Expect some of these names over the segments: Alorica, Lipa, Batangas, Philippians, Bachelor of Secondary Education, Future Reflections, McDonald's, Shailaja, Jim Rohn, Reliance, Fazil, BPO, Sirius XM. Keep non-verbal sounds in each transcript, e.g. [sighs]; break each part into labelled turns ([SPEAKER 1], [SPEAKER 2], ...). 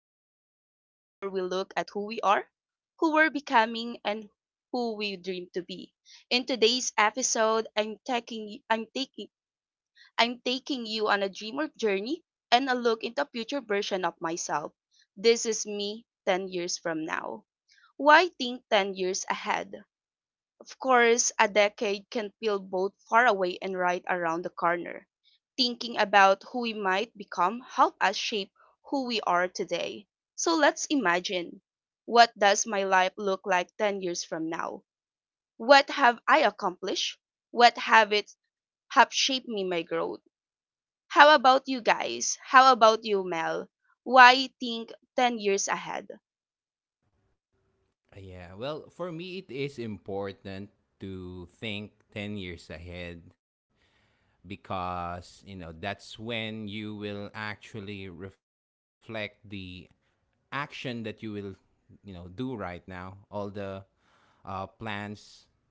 [SPEAKER 1] the podcast where we look at who we are, who we're becoming, and who we dream to be. In today's episode, I'm taking you on a dreamer journey and a look into a future version of myself. This is me 10 years from now. Why think 10 years ahead? Of course, a decade can feel both far away and right around the corner. Thinking about who we might become help us shape who we are today. So let's imagine, what does my life look like 10 years from now? What have I accomplished? What habits have shaped me my growth? How about you guys? How about you, Mel? Why think 10 years ahead?
[SPEAKER 2] Yeah, well, for me, it is important to think 10 years ahead because, you know, that's when you will actually reflect the action that you will, you know, do right now. All the plans,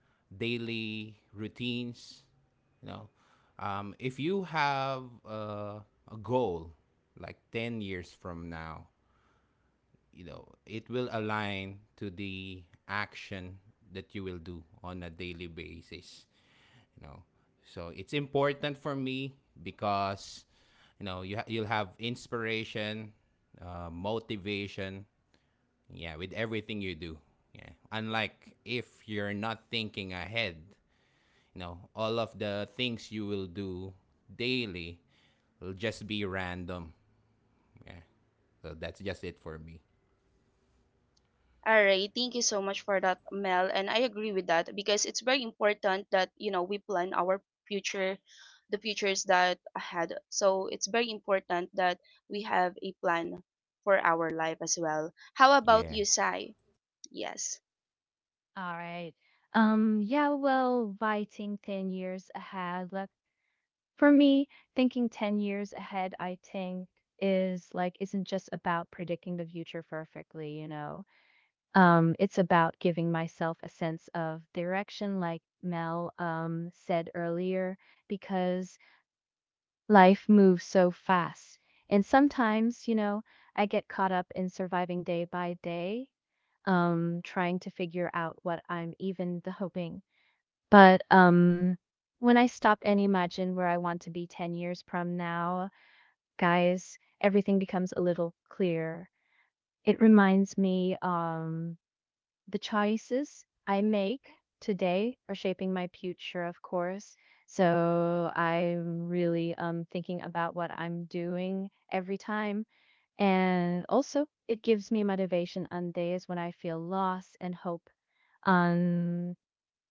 [SPEAKER 2] daily routines, you know. If you have a goal like 10 years from now, you know it will align to the action that you will do on a daily basis, you know, so it's important for me because, you know, you'll have inspiration, motivation, yeah, with everything you do. Yeah, unlike if you're not thinking ahead, you know, all of the things you will do daily will just be random. Yeah, so that's just it for me.
[SPEAKER 1] All right, thank you so much for that, Mel. And I agree with that because it's very important that, you know, we plan our future, the futures that ahead. So it's very important that we have a plan for our life as well. How about
[SPEAKER 2] Yeah.
[SPEAKER 1] you, Sai? Yes.
[SPEAKER 3] All right. Yeah, well, writing 10 years ahead, like for me, thinking 10 years ahead, I think is like isn't just about predicting the future perfectly, you know. It's about giving myself a sense of direction, like Mel said earlier, because life moves so fast. And sometimes, you know, I get caught up in surviving day by day, trying to figure out what I'm even the hoping but, when I stop and imagine where I want to be 10 years from now, guys, everything becomes a little clearer. It reminds me the choices I make today are shaping my future, of course. So I'm really thinking about what I'm doing every time. And also, it gives me motivation on days when I feel lost and hope on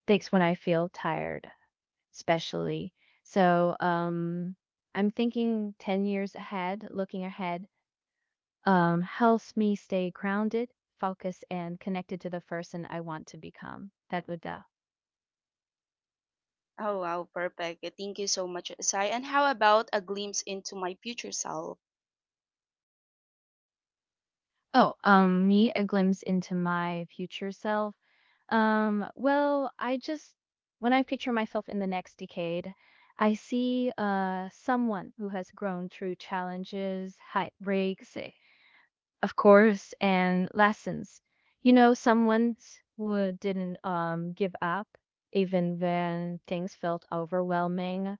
[SPEAKER 3] days when I feel tired especially. So I'm thinking 10 years ahead, looking ahead, helps me stay grounded, focused, and connected to the person I want to become. That would,
[SPEAKER 1] Oh wow, perfect. Thank you so much, Sai. And how about a glimpse into my future self?
[SPEAKER 3] oh, me, a glimpse into my future self. Well, when I picture myself in the next decade, I see someone who has grown through challenges, heartbreaks, of course, and lessons. You know, someone who didn't give up even when things felt overwhelming.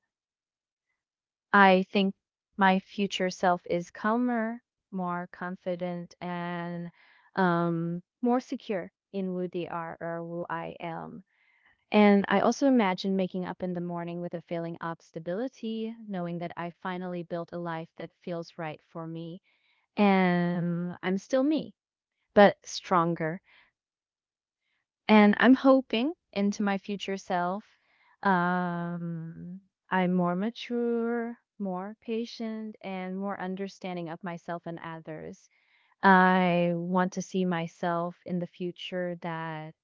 [SPEAKER 3] I think my future self is calmer, more confident, and more secure in who they are or who I am. And I also imagine making up in the morning with a feeling of stability, knowing that I finally built a life that feels right for me and I'm still me but stronger. And I'm hoping into my future self, um, I'm more mature, more patient, and more understanding of myself and others. I want to see myself in the future that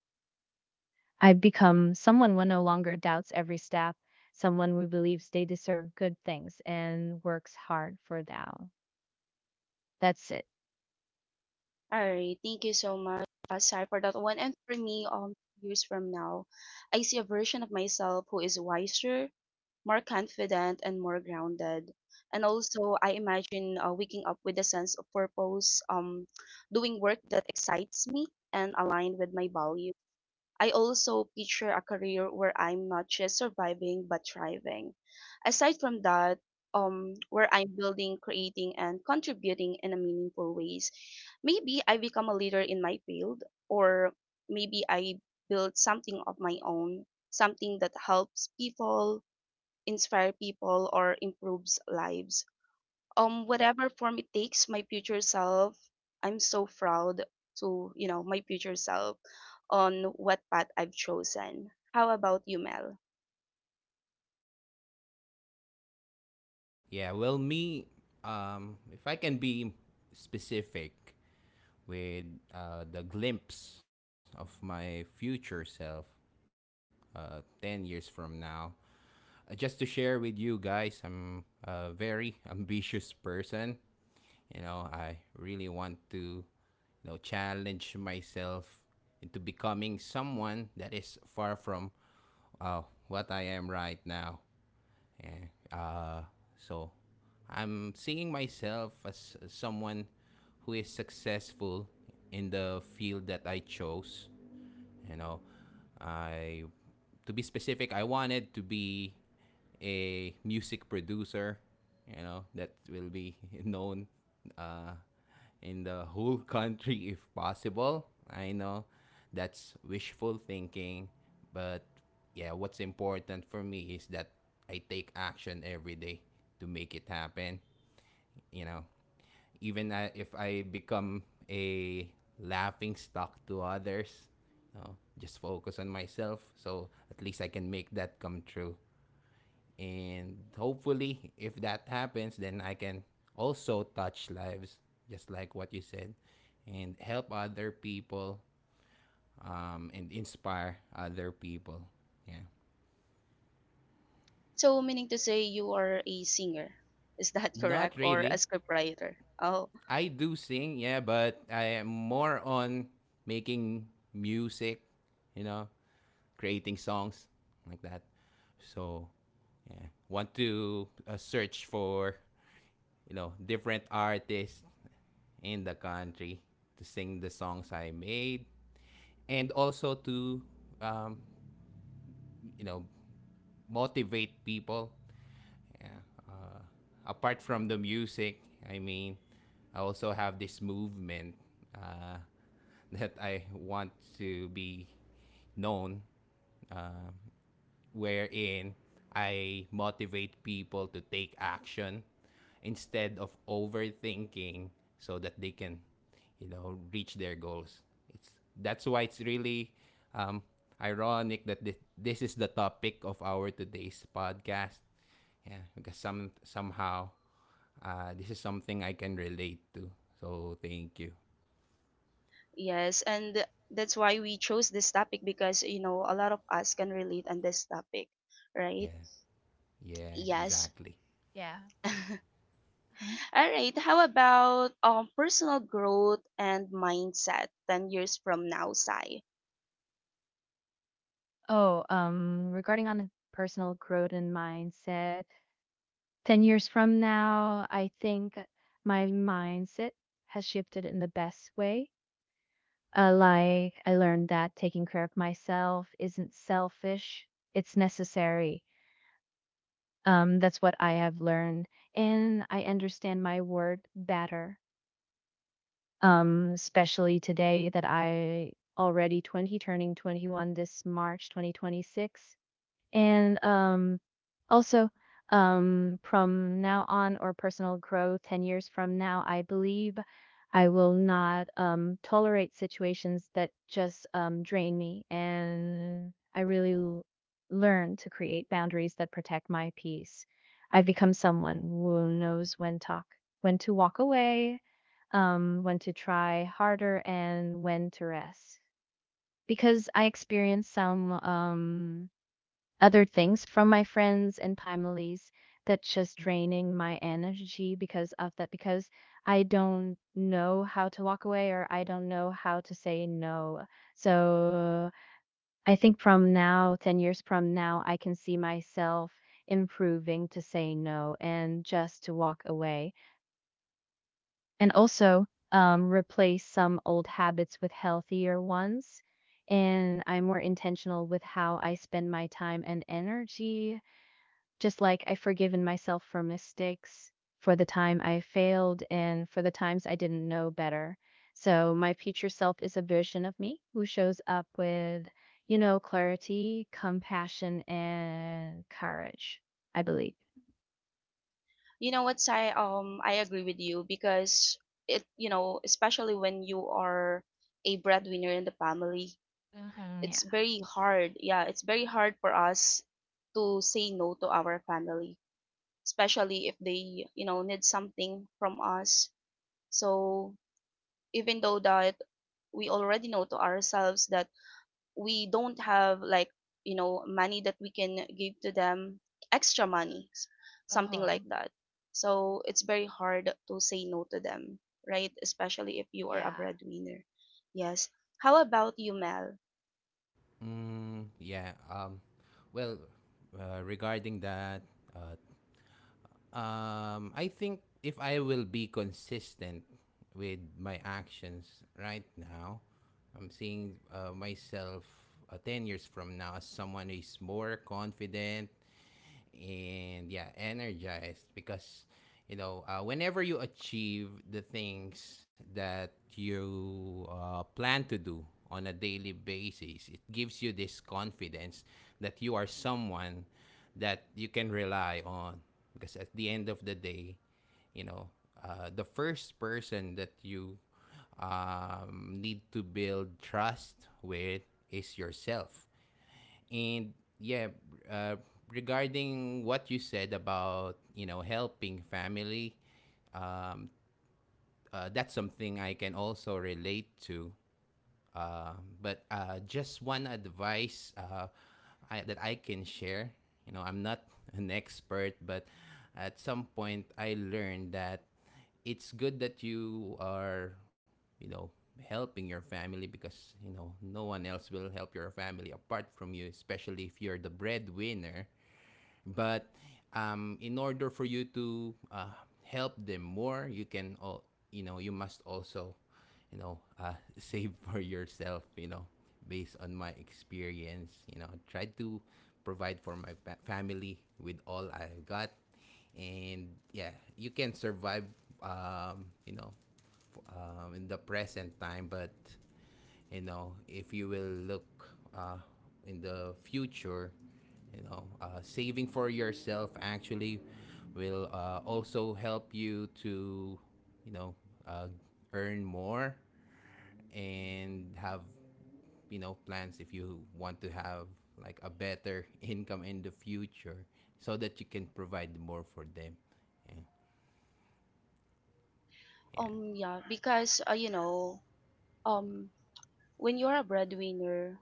[SPEAKER 3] I've become someone who no longer doubts every step, someone who believes they deserve good things and works hard for that. That's it.
[SPEAKER 1] All right, thank you so much, Sai, for that one. And for me, years from now, I see a version of myself who is wiser, more confident, and more grounded. And also, I imagine waking up with a sense of purpose, doing work that excites me and aligned with my values. I also picture a career where I'm not just surviving but thriving. Aside from that, where I'm building, creating, and contributing in a meaningful ways. Maybe I become a leader in my field, or maybe I build something of my own, something that helps people, inspire people, or improves lives. Whatever form it takes, my future self, I'm so proud to, you know, my future self on what path I've chosen. How about you, Mel?
[SPEAKER 2] Yeah, well, me, if I can be specific with the glimpse of my future self 10 years from now, just to share with you guys, I'm a very [laughs] ambitious person. You know, I really want to, you know, challenge myself into becoming someone that is far from uh, what I am right now. Yeah. Uh, so I'm seeing myself as someone who is successful in the field that I chose, you know. I To be specific, I wanted to be a music producer. You know, that will be [laughs] known uh, in the whole [laughs] country if possible. I know that's wishful thinking, but yeah, what's important for me is that I take action every day to make it happen. You know, even if I become a laughing stock to others, you know, just focus on myself. So at least I can make that come true. And hopefully, if that happens, then I can also touch lives, just like what you said, and help other people, and inspire other people. Yeah.
[SPEAKER 1] So, meaning to say you are a singer. Is that [laughs] correct?
[SPEAKER 2] Not
[SPEAKER 1] Or a
[SPEAKER 2] really.
[SPEAKER 1] scriptwriter? Oh,
[SPEAKER 2] I do sing, yeah, but I am more on making music, you know, creating songs like that. So, yeah, want to search for, you know, different artists in the country to sing the songs I made, and also to um, you know, motivate people. Yeah. Apart from the music, I mean, I also have this movement uh, [laughs] that I want to be known, uh, wherein I motivate people to take action instead of overthinking so that they can, you know, reach their goals. It's That's why it's really um, ironic that this is the topic of our today's podcast. Yeah, because somehow this is something I can relate to. So thank you.
[SPEAKER 1] yes. And that's why we chose this topic because, you know, a lot of us can relate on this topic, right?
[SPEAKER 2] Yeah, yeah,
[SPEAKER 1] Yes.
[SPEAKER 2] exactly.
[SPEAKER 3] Yeah.
[SPEAKER 1] [laughs]
[SPEAKER 3] Huh?
[SPEAKER 1] All right. How about personal growth and mindset 10 years from now, Sai?
[SPEAKER 3] Oh, regarding on a personal growth and mindset, 10 years from now, I think my mindset has shifted in the best way. Like, I learned that taking care of myself isn't selfish, it's necessary. That's what I have learned. And I understand my worth better, especially today that I already 20, turning 21 this March 2026. And also, from now on, or personal growth, 10 years from now, I believe I will not tolerate situations that just drain me. And I really learn to create boundaries that protect my peace. I've become someone who knows when talk, when to walk away, when to try harder, and when to rest. Because I experienced some other things from my friends and families that's just draining my energy because of that because I don't know how to walk away or I don't know how to say no. So I think from now, 10 years from now, I can see myself improving to say no and just to walk away and also replace some old habits with healthier ones. And I'm more intentional with how I spend my time and energy just like I've forgiven myself for mistakes, for the time I failed, and for the times I didn't know better. So my future self is a version of me who shows up with, you know, clarity, compassion, and courage, I believe.
[SPEAKER 1] You know what, Sai? I agree with you because it, you know, especially when you are a breadwinner in the family,
[SPEAKER 3] Uh-huh.
[SPEAKER 1] it's
[SPEAKER 3] Yeah.
[SPEAKER 1] very hard. Yeah, it's very hard for us to say no to our family, especially if they, you know, need something from us. So even though that we already know to ourselves that we don't have, like, you know, money that we can give to them, extra money, something
[SPEAKER 3] Oh,
[SPEAKER 1] like that, so it's very hard to say no to them, right? Especially if you are a
[SPEAKER 3] yeah.
[SPEAKER 1] breadwinner. Yes. How about you, Mel?
[SPEAKER 2] Mm, yeah. Well, regarding that, uh, I think if I will be consistent with my actions right now, I'm seeing myself 10 years from now as someone who is more confident, and yeah, energized because, you know, whenever you achieve the things that you, plan to do on a daily basis, it gives you this confidence that you are someone that you can rely on, because at the end of the day, you know, the first person that you need to build trust with is yourself. And yeah, uh, regarding what you said about, you know, helping family, um, that's something I can also relate to, uh, but just one advice, that I can share. You know, I'm not [laughs] an expert, but at some point I learned that it's good that you are, you know, helping your family because, you know, no one else will help your family apart from you, especially if you're the breadwinner. But in order for you to help them more, you know, you must also, you know, [laughs] save for yourself. You know, based on my experience, you know, I tried to provide for my family with all I've got, and yeah, you can survive. You know, in the present time, but you know, if you will look uh, in the future, you know, saving for yourself actually will, also help you to, you know, uh, earn more and have, you know, plans if you want to have like a better [laughs] income in the future, so that you can provide more for them. Yeah.
[SPEAKER 1] Yeah, because you know, um when you're a breadwinner,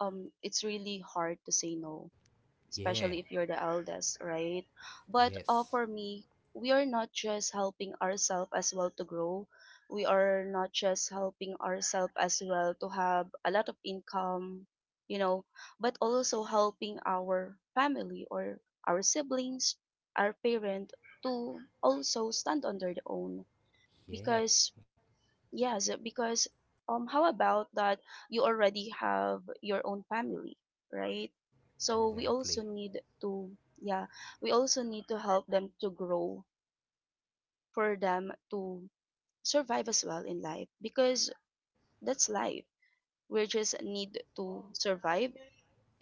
[SPEAKER 1] it's really hard to say no,
[SPEAKER 2] Yeah. Yeah.
[SPEAKER 1] especially if you're the eldest, right? But
[SPEAKER 2] Yes.
[SPEAKER 1] for me, we are not just helping ourselves as well to grow. We are not just helping ourselves as well to have a lot of income, you know, but also helping our family or our siblings, our parent to also stand on their own.
[SPEAKER 2] Yeah,
[SPEAKER 1] Because, yes, because, how about that, you already have your own family, right? So we
[SPEAKER 2] exactly.
[SPEAKER 1] also need to, yeah, we also need to help them to grow for them to survive as well in life because that's life. We just need to survive.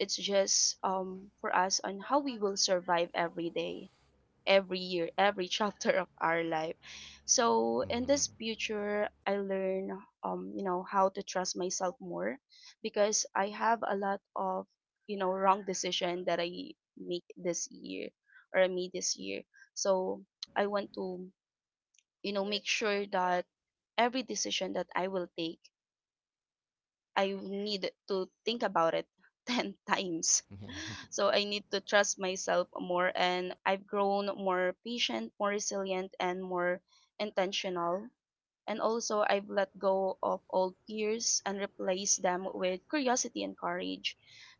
[SPEAKER 1] It's just for us on how we will survive every day, every year, every [laughs] chapter of our life. So in
[SPEAKER 2] Mhm.
[SPEAKER 1] this future, I learn, you know, how to trust myself more because I have a lot of, you know, wrong decision that I make this year or I made this year. So I want to, you know, make sure that every decision that I will take, I need to think about it [laughs] 10 times,
[SPEAKER 2] [laughs]
[SPEAKER 1] so I need to trust myself more, and I've grown more patient, more resilient, and more intentional. And also, I've let go of old fears and replaced them with curiosity and courage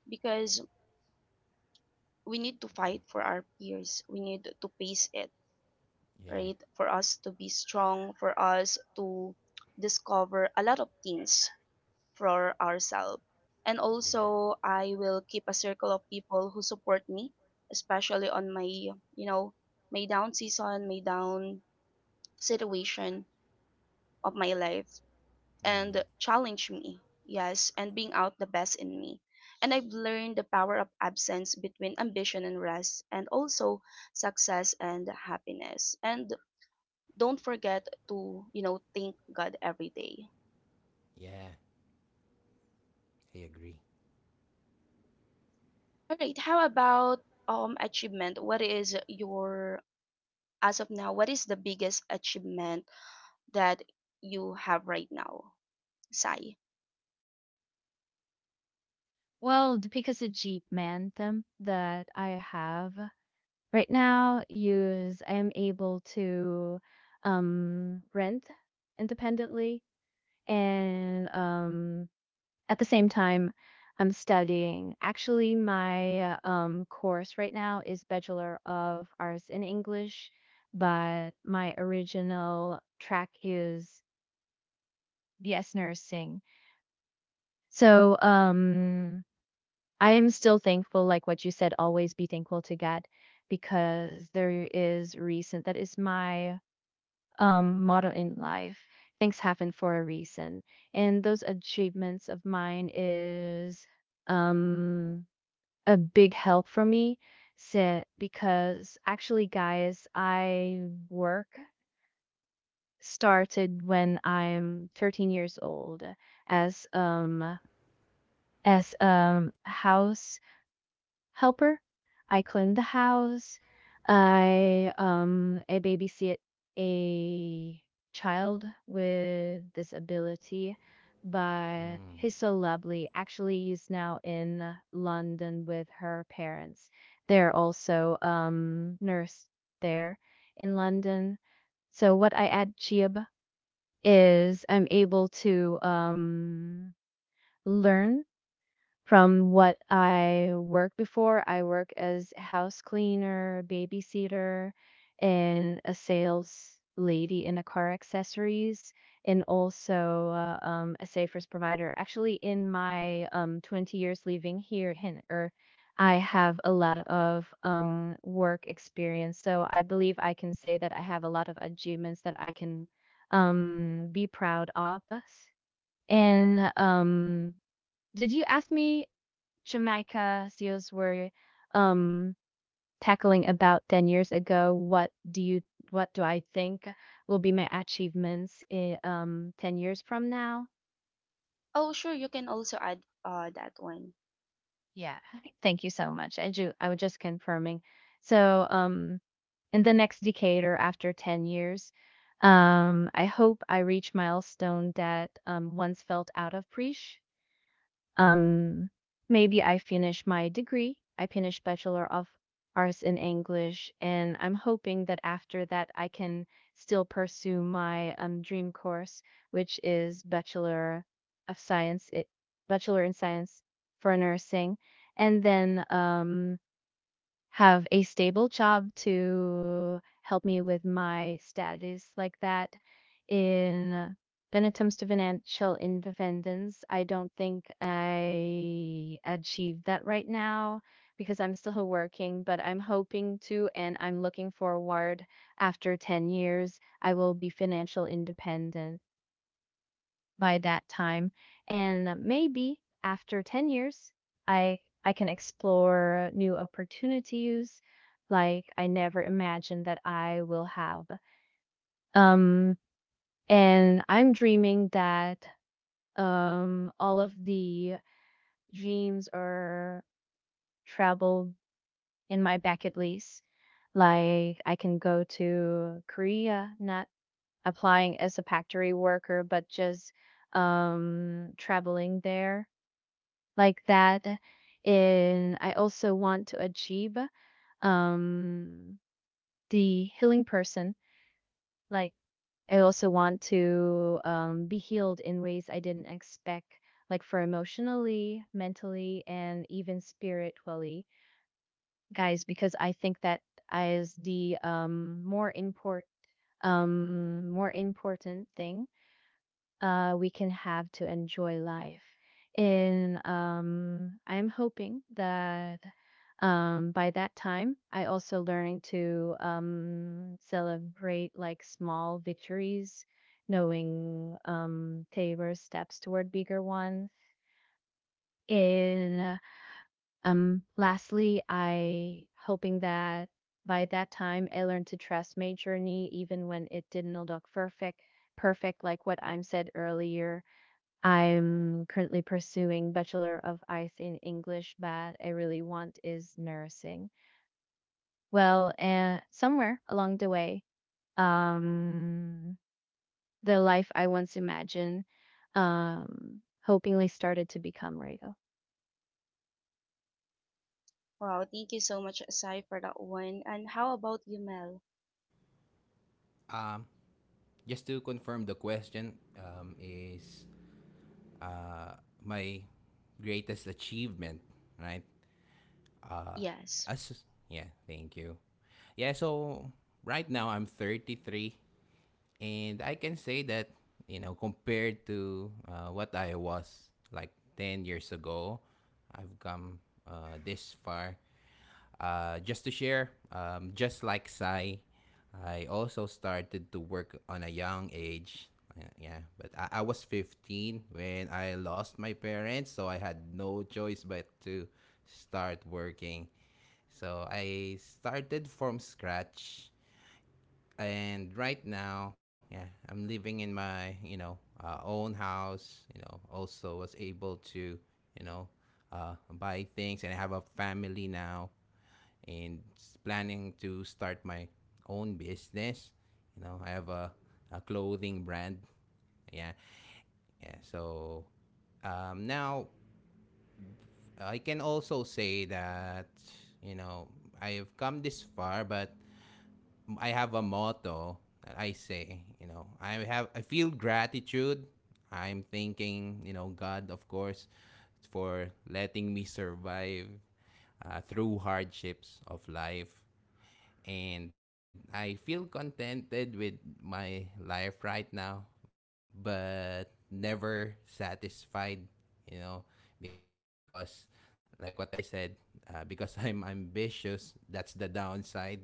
[SPEAKER 1] because we need to fight for our fears. We need to face it,
[SPEAKER 2] Yeah,
[SPEAKER 1] right? For us to be strong, for us to discover a lot of things for ourselves. And
[SPEAKER 2] yeah.
[SPEAKER 1] also, I will keep a circle of people who support me, especially on my, you know, my down season, my down situation of my life,
[SPEAKER 2] Mm-hmm.
[SPEAKER 1] and challenge me. Yes, and bring out the best in me. And I've learned the power of absence between ambition and rest, and also success and happiness. And don't forget to, you know, thank God every day.
[SPEAKER 2] Yeah, I agree.
[SPEAKER 1] All right. How about achievement? What is your as of now? What is the biggest achievement that you have right now, Sai?
[SPEAKER 3] Well, because the Jeep Mantum that I have right now, use I am able to rent independently and at the same time I'm studying actually my course right now is Bachelor of Arts in English, but my original track is BS Nursing. So I am still thankful, like what you said, always be thankful to God, because there is reason. That is my motto in life: things happen for a reason. And those achievements of mine is um, a big help for me sit because actually guys I work started when I'm 13 years old as um as house helper. I cleaned the house. I babysit a child with disability,
[SPEAKER 2] Mm.
[SPEAKER 3] but he's so lovely. Actually, he's now in London with her parents. They're also nurse there in London. So what I add Chiab is I'm able to learn from what I worked before. I work as house cleaner, babysitter, and a sales lady in a car accessories, and also a Safers provider. Actually, in my 20 years living here in I have a lot of work experience. So I believe I can say that I have a lot of achievements that I can be proud of. And did you ask me Jamaica CEOs were um, tackling about 10 years ago? What do you what do I think will be my achievements in 10 years from now?
[SPEAKER 1] Oh, sure. You can also add that one.
[SPEAKER 3] Yeah, thank you so much. I do, I was just confirming. So, in the next decade or after 10 years, I hope I reach milestone that once felt out of reach. Um, Maybe I finish my degree. I finish Bachelor of Arts in English, and I'm hoping that after that I can still pursue my dream course, which is Bachelor of Science, it, Bachelor in Science for nursing, and then have a stable job to help me with my studies like that. In when it comes to financial independence, I don't think I achieved that right now because I'm still working, but I'm hoping to and I'm looking forward after 10 years I will be financial independent by that time. And maybe after 10 years, I can explore new opportunities like I never imagined that I will have. Um, and I'm dreaming that all of the dreams or travel in my bucket list, like I can go to Korea, not applying as a factory worker, but just traveling there like that. And I also want to achieve um, the healing person. Like, I also want to be healed in ways I didn't expect, like for emotionally, mentally, and even spiritually, guys, because I think that is the more important thing we can have to enjoy life. And I'm hoping that by that time, I also learning to celebrate like small victories, knowing tailor steps toward bigger ones. And lastly, I hoping that by that time, I learned to trust my journey, even when it didn't look perfect. Perfect, like what I'm said earlier, I'm currently pursuing Bachelor of Arts in English, but I really want is nursing. Well, somewhere along the way, um, the life I once imagined, um, hopingly started to become real.
[SPEAKER 1] Wow. Thank you so much, Sai, for that one. And how about you, Mel?
[SPEAKER 2] Um, just to confirm, the question is, uh, my greatest achievement, right? Uh,
[SPEAKER 1] Yes.
[SPEAKER 2] as Yeah, thank you. Yeah, so right now I'm 33, and I can say that, you know, compared to what I was like 10 years ago, I've come this far. Just to share, just like Sai, I also started to work on a young age. Yeah, but I was 15 when I lost my parents, so I had no choice but to start working. So I started from scratch, and right now, yeah, I'm living in my, you know, own house. You know, also was able to, you know, buy things, and I have a family now, and planning to start my own business. You know, I have a clothing brand. Yeah, yeah. So now I can also say that, you know, I have come this far, but I have a motto that I say, you know, I feel gratitude. I'm thanking, you know, God, of course, for letting me survive through hardships of life, and I feel contented with my life right now, but never satisfied, you know, because, like what I said, because [laughs] I'm ambitious, that's the downside,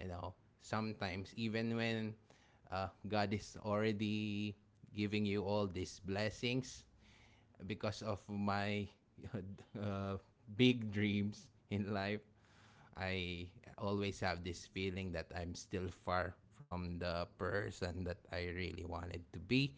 [SPEAKER 2] you know. Sometimes even when God is already giving you all these blessings, because of my [laughs] uh, big dreams in life, I always have this feeling that I'm still far from the person that I really wanted to be.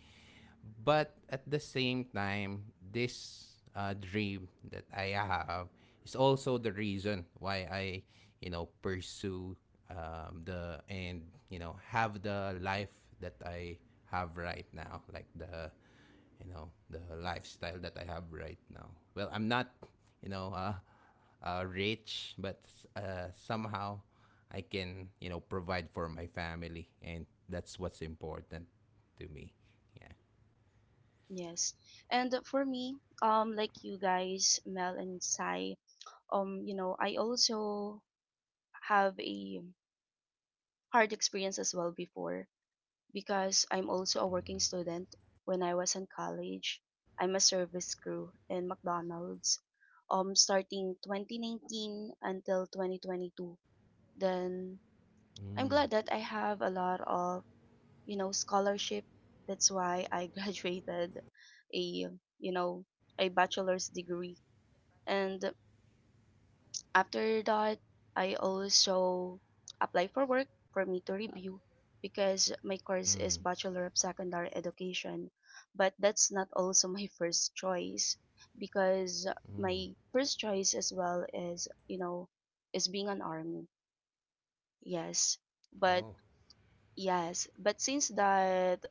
[SPEAKER 2] But at the same time, this dream that I have is also the reason why I, you know, pursue the and you know, have the life that I have right now, like the, you know, the lifestyle that I have right now. Well, I'm not, you know, rich, but somehow I can, you know, provide for my family, and that's what's important to me. Yeah.
[SPEAKER 1] Yes. And for me, like you guys, Mel and Sai, you know, I also have a hard experience as well before because I'm also a working student. When I was in college, I'm a service crew in McDonald's, starting 2019 until 2022. Then
[SPEAKER 2] Mm.
[SPEAKER 1] I'm glad that I have a lot of, you know, scholarship. That's why I [laughs] graduated a, you know, a bachelor's degree. And after that, I also apply for work for me to review because my
[SPEAKER 2] Mm.
[SPEAKER 1] course is Bachelor of Secondary Education, but that's not also my [laughs] first choice because my first choice as well is being an army. Yes.
[SPEAKER 2] Oh.
[SPEAKER 1] But yes, but since that,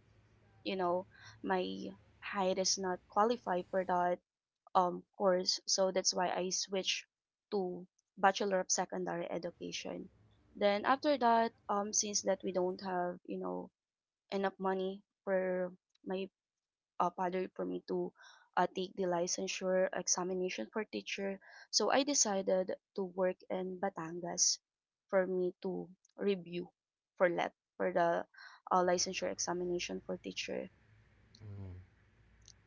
[SPEAKER 1] you know, my height is not qualified for that course, so that's why I switched to Bachelor of Secondary Education. Then after that, since that we don't have, you know, enough money for my father for me to take the licensure examination for teacher, so I decided to work in Batangas for me to review, for the licensure examination for teacher.
[SPEAKER 2] Mm.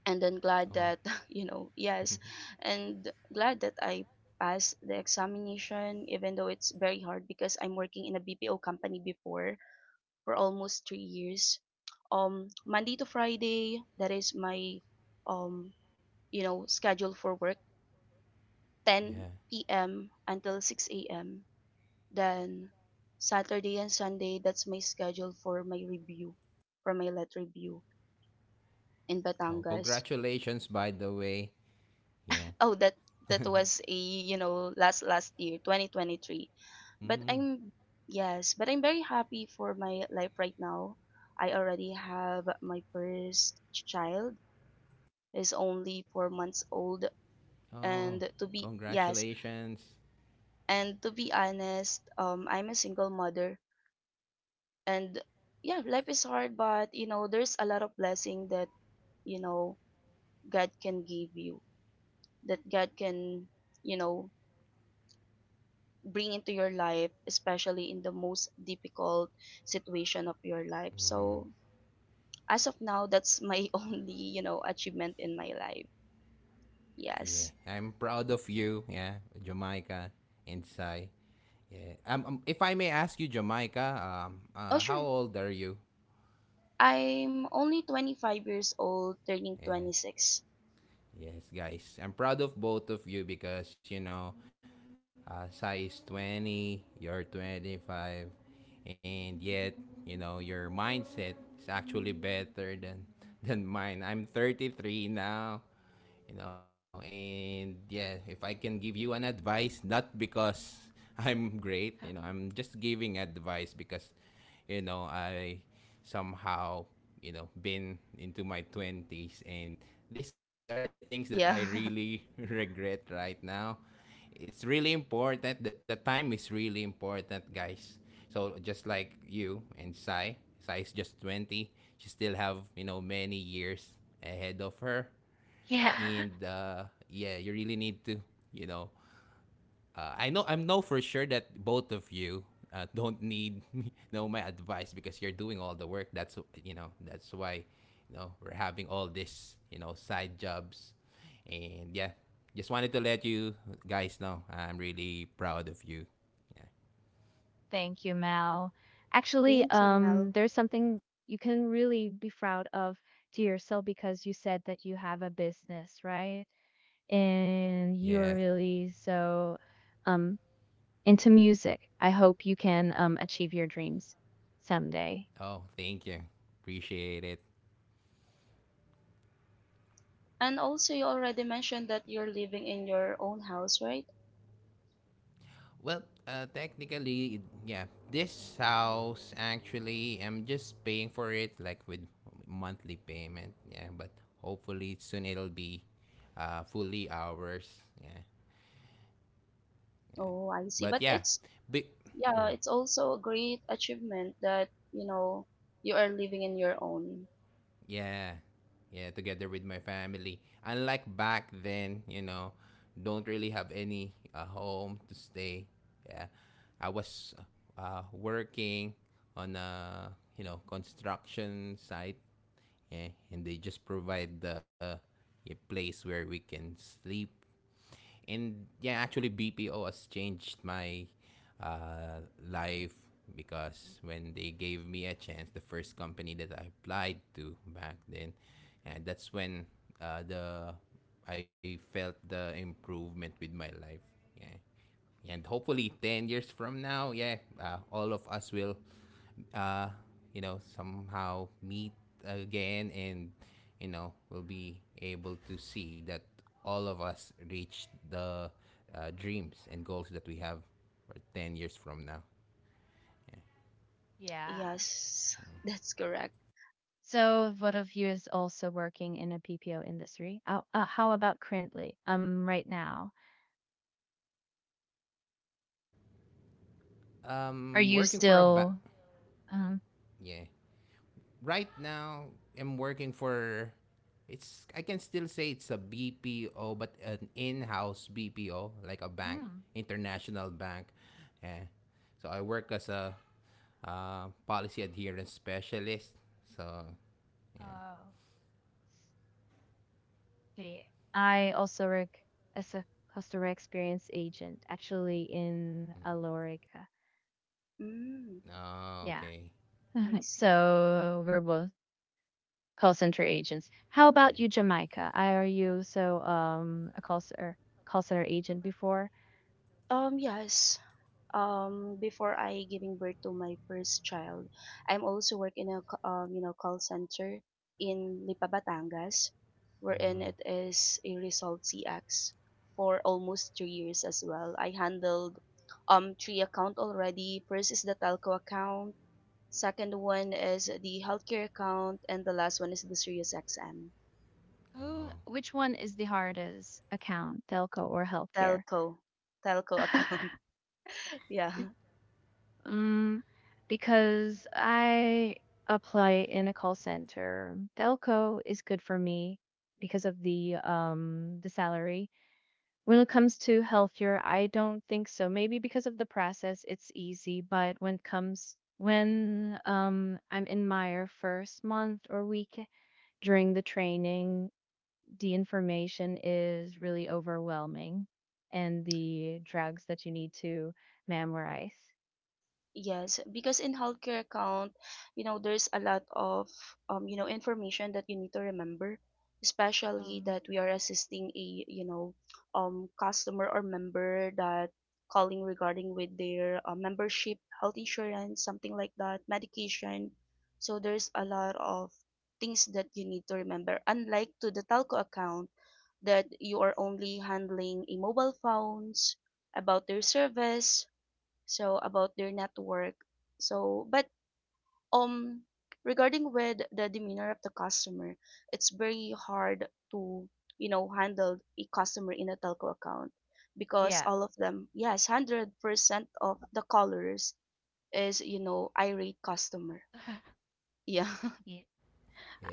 [SPEAKER 1] And then glad
[SPEAKER 2] Oh.
[SPEAKER 1] that [laughs] you know, yes,
[SPEAKER 2] [laughs]
[SPEAKER 1] and glad that I passed the examination, even though it's very hard because I'm working in a BPO company before for almost 3 years, Monday to Friday. That is my um you know, schedule for work,
[SPEAKER 2] Yeah.
[SPEAKER 1] 10 p.m. until 6 a.m., then Saturday and Sunday, that's my schedule for my letter review in
[SPEAKER 2] Oh,
[SPEAKER 1] Batangas.
[SPEAKER 2] congratulations, by the way. Yeah.
[SPEAKER 1] Oh, that
[SPEAKER 2] [laughs]
[SPEAKER 1] that was, a you know, last year 2023, but
[SPEAKER 2] Mm.
[SPEAKER 1] I'm yes, but I'm very happy for my life right now. I already have my first child, is only 4 months old,
[SPEAKER 2] Oh,
[SPEAKER 1] and to be yes,
[SPEAKER 2] congratulations. Yeah.
[SPEAKER 1] and to be honest, I'm a single mother. And yeah, life is hard, but, you know, there's a lot of blessing that, you know, God can give you, that God can, you know, bring into your life, especially in the most difficult situation of your life. So as of now, that's my [laughs] only, you know, achievement in my life.
[SPEAKER 2] Yeah,
[SPEAKER 1] Yes.
[SPEAKER 2] I'm proud of you. Yeah, Jamaica and Sai. Yeah. If I may ask you, Jamaica,
[SPEAKER 1] Oh,
[SPEAKER 2] how
[SPEAKER 1] sure.
[SPEAKER 2] old are you?
[SPEAKER 1] I'm only 25 years old, turning
[SPEAKER 2] Yeah.
[SPEAKER 1] 26.
[SPEAKER 2] Yes, guys. I'm proud of both of you because, you know, Sai is 20, you're 25, and yet, you know, your mindset is actually better than, [laughs] than mine. I'm 33 now, you know, and yeah, if I can give you an advice, not because [laughs] I'm great, you know, I'm just giving advice because, you know, I somehow, you know, been into my 20s, and these are things that I
[SPEAKER 1] Yeah.
[SPEAKER 2] really [laughs] regret right now. It's really important that the time is really important, guys. So just like you and Sai, Sai is just 20, she still have, you know, many years ahead of her.
[SPEAKER 3] Yeah. [laughs]
[SPEAKER 2] And yeah, you really need to, you know, I know, I know for sure that both of you [laughs] don't need me, know my advice, because you're doing all the work. That's You know that's why, you know, we're having all this, you know, side jobs, and yeah, just wanted to let you guys know I'm really proud of you. Yeah.
[SPEAKER 3] Thank you, Mal.
[SPEAKER 1] [laughs]
[SPEAKER 3] Actually,
[SPEAKER 1] Thank you, Mel.
[SPEAKER 3] there's something you can really be proud of to yourself because you said that you have a business, right? And you're
[SPEAKER 2] Yeah.
[SPEAKER 3] really so um into music. I hope you can achieve your dreams someday.
[SPEAKER 2] Oh, thank you. Appreciate it.
[SPEAKER 1] And also, you already mentioned that you're living in your own house, right?
[SPEAKER 2] Well, technically, yeah, this house actually, I'm just paying for it like with monthly payment. Yeah, but hopefully soon it'll be fully ours. Yeah,
[SPEAKER 1] Oh, I see.
[SPEAKER 2] but
[SPEAKER 1] But
[SPEAKER 2] yeah,
[SPEAKER 1] it's,
[SPEAKER 2] big.
[SPEAKER 1] yeah,
[SPEAKER 2] Mhm.
[SPEAKER 1] it's also a great achievement that, you know, you are living in your own.
[SPEAKER 2] Yeah, yeah, together with my family. Unlike back then, you know, don't really have any home to stay. Yeah, I was working on a, you know, construction site, yeah, and they just provide the a place where we can sleep. And yeah, actually BPO has changed my life, because when they gave me a chance, the first company that I applied to back then, and that's when the I felt the improvement with my life. Yeah, and hopefully 10 years from now, yeah, all of us will, uh, you know, somehow meet again, and, you know, we'll be able to see that all of us reach the dreams and goals that we have for 10 years from now.
[SPEAKER 3] Yeah.
[SPEAKER 1] Yes, [laughs] that's correct.
[SPEAKER 3] So one of you is also working in a BPO industry. Oh, how about currently? Right now, are you
[SPEAKER 2] Working for a bank.
[SPEAKER 3] still? Um,
[SPEAKER 2] Yeah, right now I'm working for, it's, I can still say it's a BPO, but an in-house BPO, like a bank,
[SPEAKER 3] mm,
[SPEAKER 2] international bank, eh. So I work as a policy adherence specialist, so yeah.
[SPEAKER 3] oh, see, I also work as a customer experience agent, actually in Alorica.
[SPEAKER 1] Mm,
[SPEAKER 2] Oh,
[SPEAKER 3] Yeah.
[SPEAKER 2] okay.
[SPEAKER 1] I see.
[SPEAKER 3] So we're both
[SPEAKER 2] Yeah.
[SPEAKER 3] call center agents. How about you, Jamaica? Are you so a call center agent before?
[SPEAKER 1] Yes. Before I giving birth to my first child, I'm also work in a call center in Lipa, Batangas, wherein
[SPEAKER 2] Mm.
[SPEAKER 1] it is a result CX for almost 3 years as well. I handled three account already. First is the telco account, second one is the healthcare account, and the last one is the Sirius XM
[SPEAKER 3] Who?
[SPEAKER 2] Oh.
[SPEAKER 3] Which one is the hardest account, telco or healthcare?
[SPEAKER 1] telco telco account.
[SPEAKER 3] [laughs]
[SPEAKER 1] [laughs] Yeah.
[SPEAKER 3] um, because I apply in a call center. Telco is good for me because of the salary. When it comes to healthier, I don't think so. Maybe because of the process, it's easy, but when it comes when I'm in my first month or week during the training, the information is really overwhelming and the drugs that you need to memorize.
[SPEAKER 1] Yes, because in healthcare account, you know, there's a lot of you know, information that you need to remember, especially
[SPEAKER 3] Um,
[SPEAKER 1] that we are assisting a, you know, customer or member that calling regarding with their membership, health insurance, something like that, medication. So there's a lot of things that you need to remember. Unlike to the telco account, that you are only handling a mobile phones about their service, so about their network, so but um regarding with the demeanor of the customer, it's very hard to, you know, handle a customer in a telco account because
[SPEAKER 3] yeah.
[SPEAKER 1] all of them, yes, 100% of the callers is, you know, irate customer.
[SPEAKER 3] [laughs]
[SPEAKER 1] Yeah. [laughs]
[SPEAKER 3] Yeah.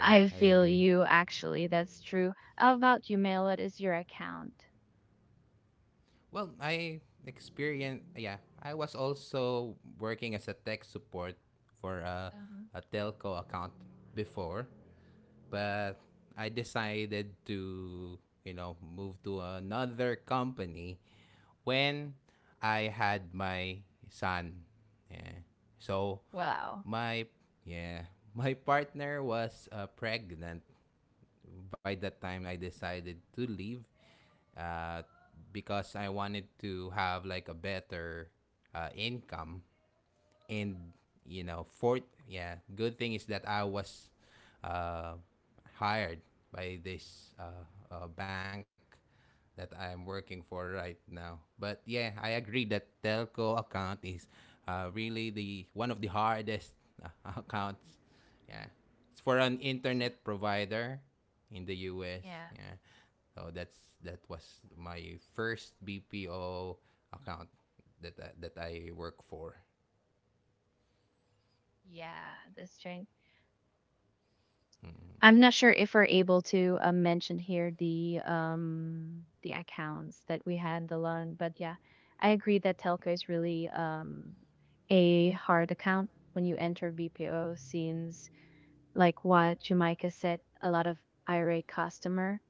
[SPEAKER 2] Yeah, I
[SPEAKER 3] feel
[SPEAKER 2] agree.
[SPEAKER 3] you actually, that's true. How about you, Mail? What is your account?
[SPEAKER 2] Well, I experienced, yeah, I was also working as a tech support for a telco account before, but I decided to, you know, move to another company when I had my son. Yeah. So
[SPEAKER 3] Wow.
[SPEAKER 2] my yeah, [laughs] my partner was pregnant by the time I decided to leave uh, because I wanted to have like a better income. And you know fourth yeah Good thing is that I was uh, hired by this bank that I'm working for right now. But yeah, I agree that telco account is really the one of the hardest uh, [laughs] accounts. Yeah, it's for an
[SPEAKER 3] So,
[SPEAKER 2] internet provider in the US.
[SPEAKER 3] yeah.
[SPEAKER 2] Yeah, so that was my first BPO account that that I work for.
[SPEAKER 3] Yeah, this train. I'm not sure if we're able to mention here the accounts that we handle on, but yeah, I agree that telco is really a hard account when you enter BPO since like what Jamaica said, a lot of IRA customer.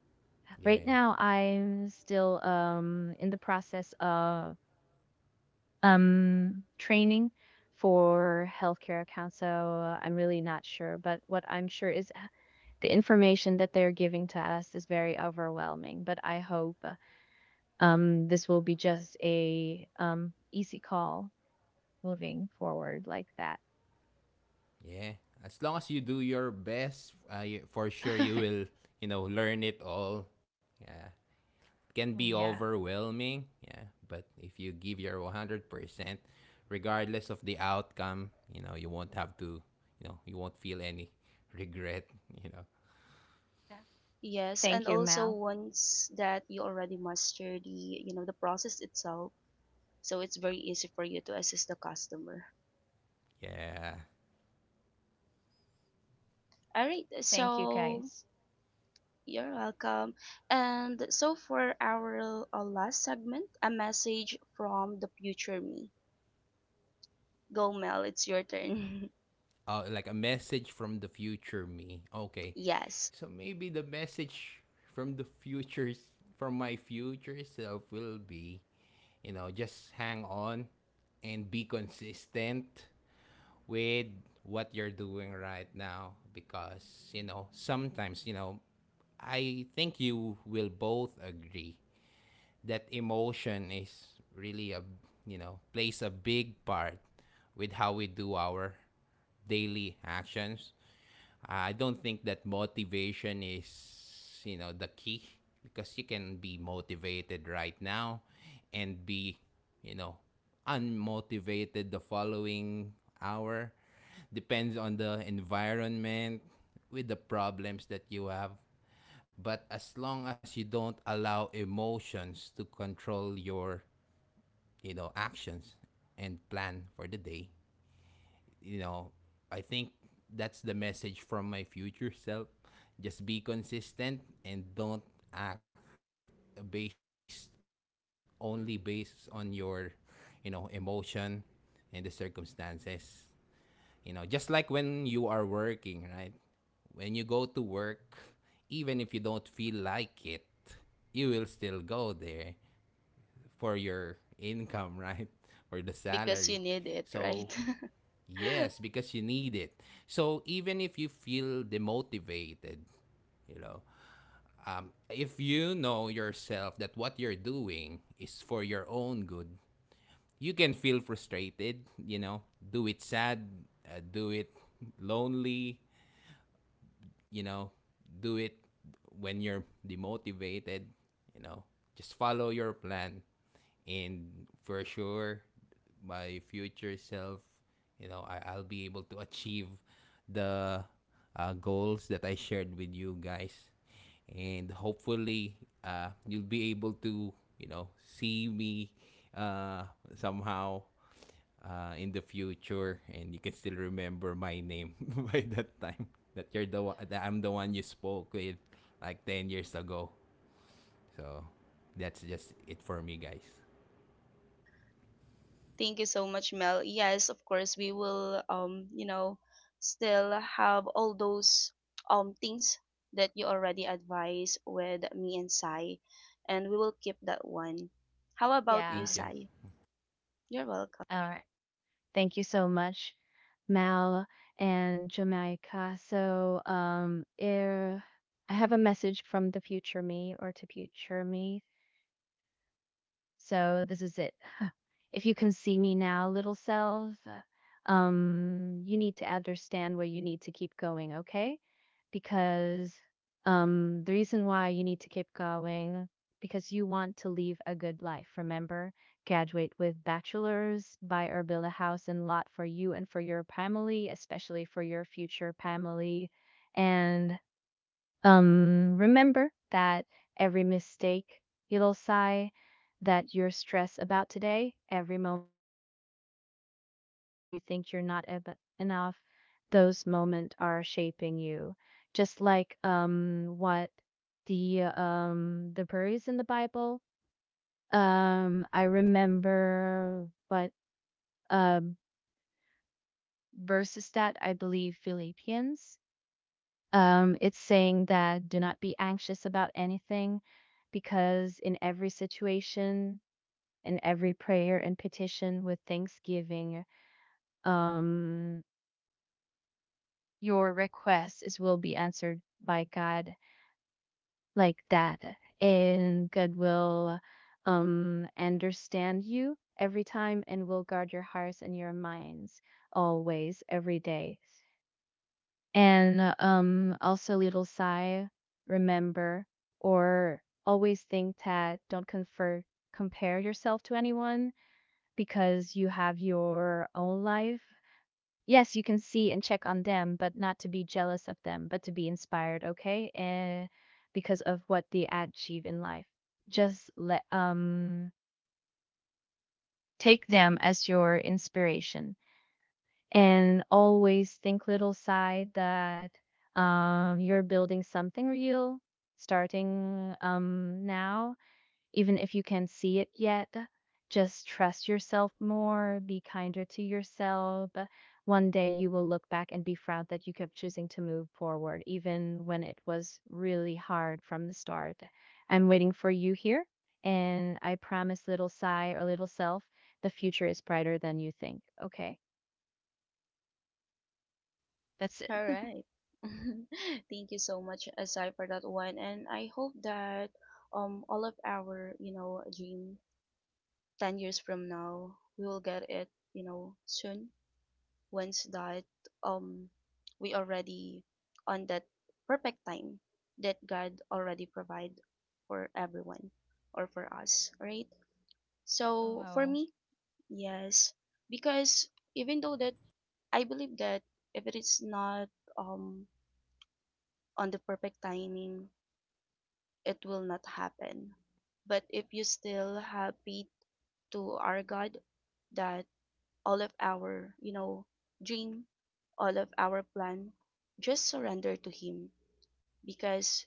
[SPEAKER 3] Right
[SPEAKER 2] Yeah,
[SPEAKER 3] now, I'm still in the process of training for healthcare accounts, so I'm really not sure. But what I'm sure is the information that they're giving to us is very overwhelming, but I hope this will be just a easy call moving forward like that.
[SPEAKER 2] yeah. As long as you do your best, you, for sure you will, you know, learn it all. Yeah, it can be
[SPEAKER 3] Yeah.
[SPEAKER 2] overwhelming. Yeah, but if you give your 100%, regardless of the outcome, you know, you won't have to, you know, you won't feel any [laughs] regret. You know.
[SPEAKER 1] Yes. And
[SPEAKER 3] Thank you,
[SPEAKER 1] also,
[SPEAKER 3] Mal.
[SPEAKER 1] once that you already master the you know the process itself, so it's very easy for you to assist the customer.
[SPEAKER 2] Yeah.
[SPEAKER 1] All right,
[SPEAKER 3] Thank you,
[SPEAKER 1] so.
[SPEAKER 3] guys.
[SPEAKER 1] You're welcome. And so for our last segment, a message from the future me. Go, Mel, it's your turn.
[SPEAKER 2] Like a message from the future me.
[SPEAKER 1] [laughs]
[SPEAKER 2] Okay,
[SPEAKER 1] Yes,
[SPEAKER 2] so maybe the message from the futures from my future self will be, you know, just hang on and be consistent with what you're doing right now. Because you know, sometimes, you know, I think you will both agree that emotion is really a, you know, plays a big part with how we do our daily actions. I don't think that motivation is, you know, the key, because you can be motivated right now and be, you know, unmotivated the following hour. Depends on the environment, with the problems that you have. But as long as you don't allow emotions to control your, you know, actions and plan for the day, you know, I think that's the message from my future self. Just be consistent and don't act based, only based on your, you know, emotion and the circumstances. You know, just like when you are working, right? When you go to work, even if you don't feel like it, you will still go there for your income, [laughs] right? For the
[SPEAKER 1] because you
[SPEAKER 3] Oh,
[SPEAKER 2] salary.
[SPEAKER 1] need it, right?
[SPEAKER 2] So,
[SPEAKER 1] [laughs]
[SPEAKER 2] yes, because you need it. So, even if you feel demotivated, you know, if you know yourself that what you're doing is for your own good, you can feel frustrated, you know, do it sad, do it lonely, you know, do it when you're demotivated, you know, just follow your plan. And for sure, my future self, you know, I'll be able to achieve the goals that I shared with you guys. And hopefully, you'll be able to, you know, see me uh, somehow in the future, and you can still remember my name [laughs] by that time, that you're the one that I'm the one you spoke with like 10 years ago. So that's just it for me, guys.
[SPEAKER 1] Thank you so much, Mel. Yes, of course, we will, still have all those things that you already advised with me and Sai, and we will keep that one. How about you,
[SPEAKER 3] yeah.
[SPEAKER 2] Thank you.
[SPEAKER 1] Sai? You're welcome.
[SPEAKER 3] All right. Thank you so much, Mal and Jamaica. So, I have a message from the future me or to future me. So this is it. [sighs] If you can see me now, little self, you need to understand where you need to keep going, okay? Because the reason why you need to keep going, because you want to live a good life. Remember, graduate with bachelor's, buy or build a house and lot for you and for your family, especially for your future family. And remember that every mistake, little sigh, that you're stressed about today, every moment you feel unsure, every time you think you're not enough, those moments are shaping you. Just like what the birds in the Bible. I remember what um verses that I believe Philippians. It's saying that do not be anxious about anything because in every situation, in every prayer and petition with thanksgiving, um, your request is will be answered by God like that. And God will understand you every time and will guard your hearts and your minds always, every day. Also little sigh, remember, or always think that don't confer compare yourself to anyone because you have your own life. Yes, you can see and check on them, but not to be jealous of them, but to be inspired, okay? And because of what they achieve in life. Just let take them as your inspiration. And always think little side that you're building something real, starting now, even if you can't see it yet. Just trust yourself more, be kinder to yourself. One day you will look back and be proud that you kept choosing to move forward even when it was really hard from the start. I'm waiting for you here, and I promise, little sigh or little self, the future is brighter than you think, okay? That's it.
[SPEAKER 1] All right. [laughs] Thank you so much, Asai, for that one. And I hope that all of our, you know, dream 10 years from now, we will get it, you know, soon. Once that um we already on that perfect time that God already provide for everyone or for us, right?
[SPEAKER 3] Oh,
[SPEAKER 1] So for
[SPEAKER 3] wow.
[SPEAKER 1] me, yes, because even though that I believe that if it is not um on the perfect timing, it will not happen. But if you still have faith to our God that all of our, you know, dream, all of our plan, just surrender to Him because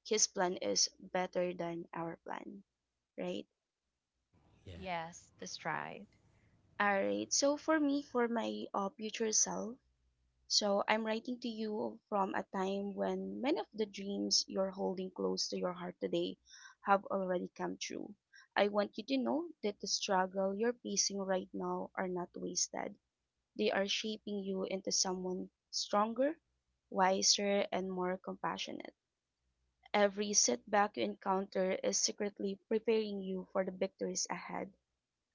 [SPEAKER 1] His plan is better than our plan, right?
[SPEAKER 2] Yeah.
[SPEAKER 3] Yes, the stride.
[SPEAKER 1] All right. So for me, for my future self, so I'm writing to you from a time when many of the dreams you're holding close to your heart today have already come true. I want you to know that the struggle you're facing right now are not wasted. They are shaping you into someone stronger, wiser, and more compassionate. Every setback you encounter is secretly preparing you for the victories ahead.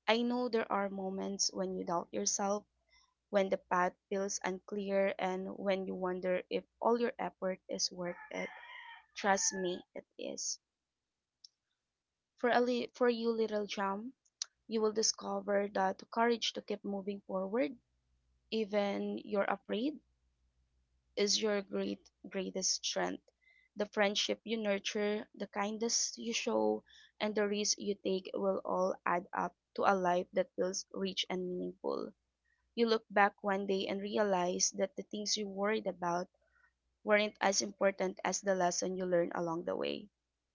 [SPEAKER 1] I know there are moments when you doubt yourself, when the path feels unclear, and when you wonder if all your effort is worth it. Trust me, it is. For you little jump, you will discover that the courage to keep moving forward, even you're afraid, is your greatest strength. The friendship you nurture, the kindness you show, and the risk you take will all add up to a life that feels rich and meaningful. You look back one day and realize that the things you worried about weren't as important as the lesson you learned along the way.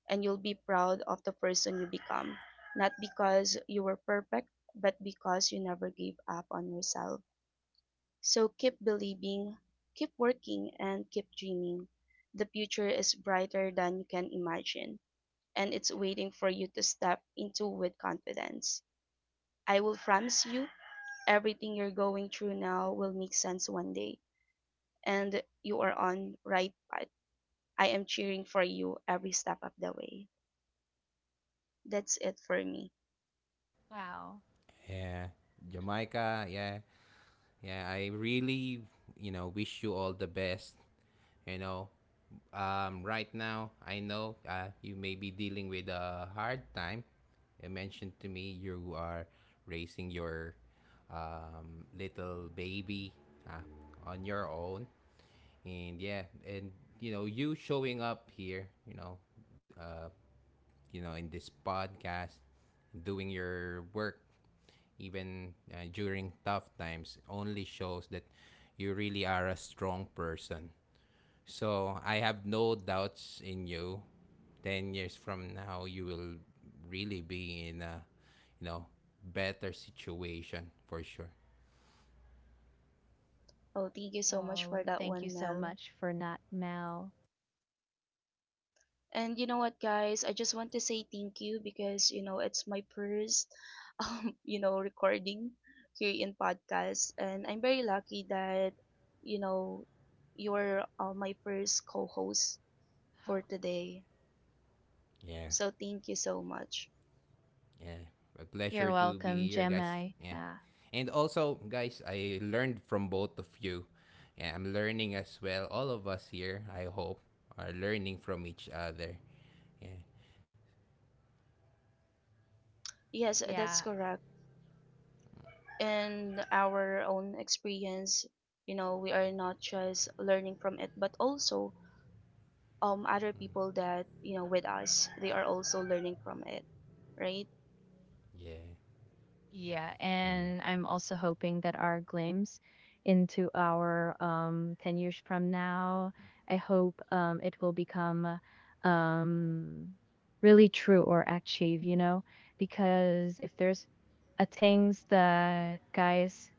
[SPEAKER 1] And you'll be proud of the person you become, not because you were perfect, but because you never gave up on yourself. So keep believing, keep working, and keep dreaming. The future is brighter than you can imagine, and it's waiting for you to step into with confidence. I will promise you, everything you're going through now will make sense one day, and you are on right path. I am cheering for you every step of the way. That's it for me.
[SPEAKER 3] Wow.
[SPEAKER 2] Yeah. Jamaica, yeah. Yeah, I really, you know, wish you all the best, you know. Um, right now, I know uh, you may be dealing with a hard time. You mentioned to me you are raising your um, little baby uh, on your own. And yeah, and you know, you showing up here, uh, you know, in this podcast, doing your work, even during tough times, only shows that you really are a strong person. So I have no doubts in you. 10 years from now, you will really be in a, you know, better situation for sure.
[SPEAKER 1] Oh, thank you so much for
[SPEAKER 3] Oh,
[SPEAKER 1] that
[SPEAKER 3] thank you
[SPEAKER 1] one,
[SPEAKER 3] so
[SPEAKER 1] Mel.
[SPEAKER 3] much for not Mel.
[SPEAKER 1] And you know what, guys? I just want to say thank you because, you know, it's my first, [laughs] you know, recording here in podcast. And I'm very lucky that, you know, you're my first co host
[SPEAKER 3] Oh,
[SPEAKER 1] for today.
[SPEAKER 2] Yeah.
[SPEAKER 1] So thank you so much.
[SPEAKER 2] Yeah, a pleasure
[SPEAKER 3] you're
[SPEAKER 2] to be
[SPEAKER 3] welcome,
[SPEAKER 2] here, guys.
[SPEAKER 3] Jamaica.
[SPEAKER 2] Yeah, and also, guys, I learned from both of you. Yeah, I'm learning as well. All of us here, I hope, are learning from each other. Yeah,
[SPEAKER 1] Yes, that's
[SPEAKER 3] Yeah,
[SPEAKER 1] correct. In our own experience, you know, we are not just learning from it, but also other people that, you know, with us, they are also learning from it, right?
[SPEAKER 2] yeah,
[SPEAKER 3] yeah.
[SPEAKER 2] mm.
[SPEAKER 3] And I'm also hoping that our glimpse into our 10 years from now, I hope it will become um really true or achieve, you know, because if there's a things that guys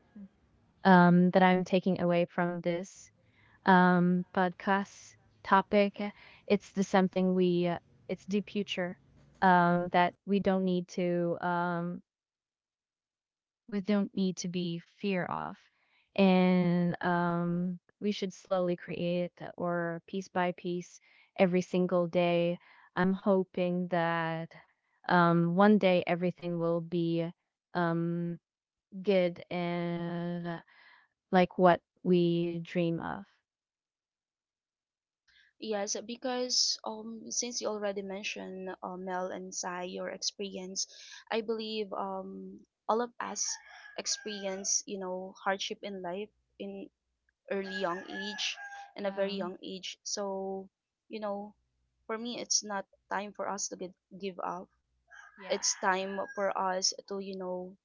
[SPEAKER 3] that I'm taking away from this podcast topic. It's the something it's the future that we don't need to, we don't need to be fear of, and we should slowly create or piece by piece every single day. I'm hoping that one day everything will be um, good and like what we dream of.
[SPEAKER 1] Yes, because since you already mentioned Mel and Sai your experience, I believe all of us experience, you know, hardship in life, in early young age, in a very
[SPEAKER 3] Um,
[SPEAKER 1] young age. So you know, for me, it's not time for us to give up.
[SPEAKER 3] yeah.
[SPEAKER 1] It's time for us to, you know,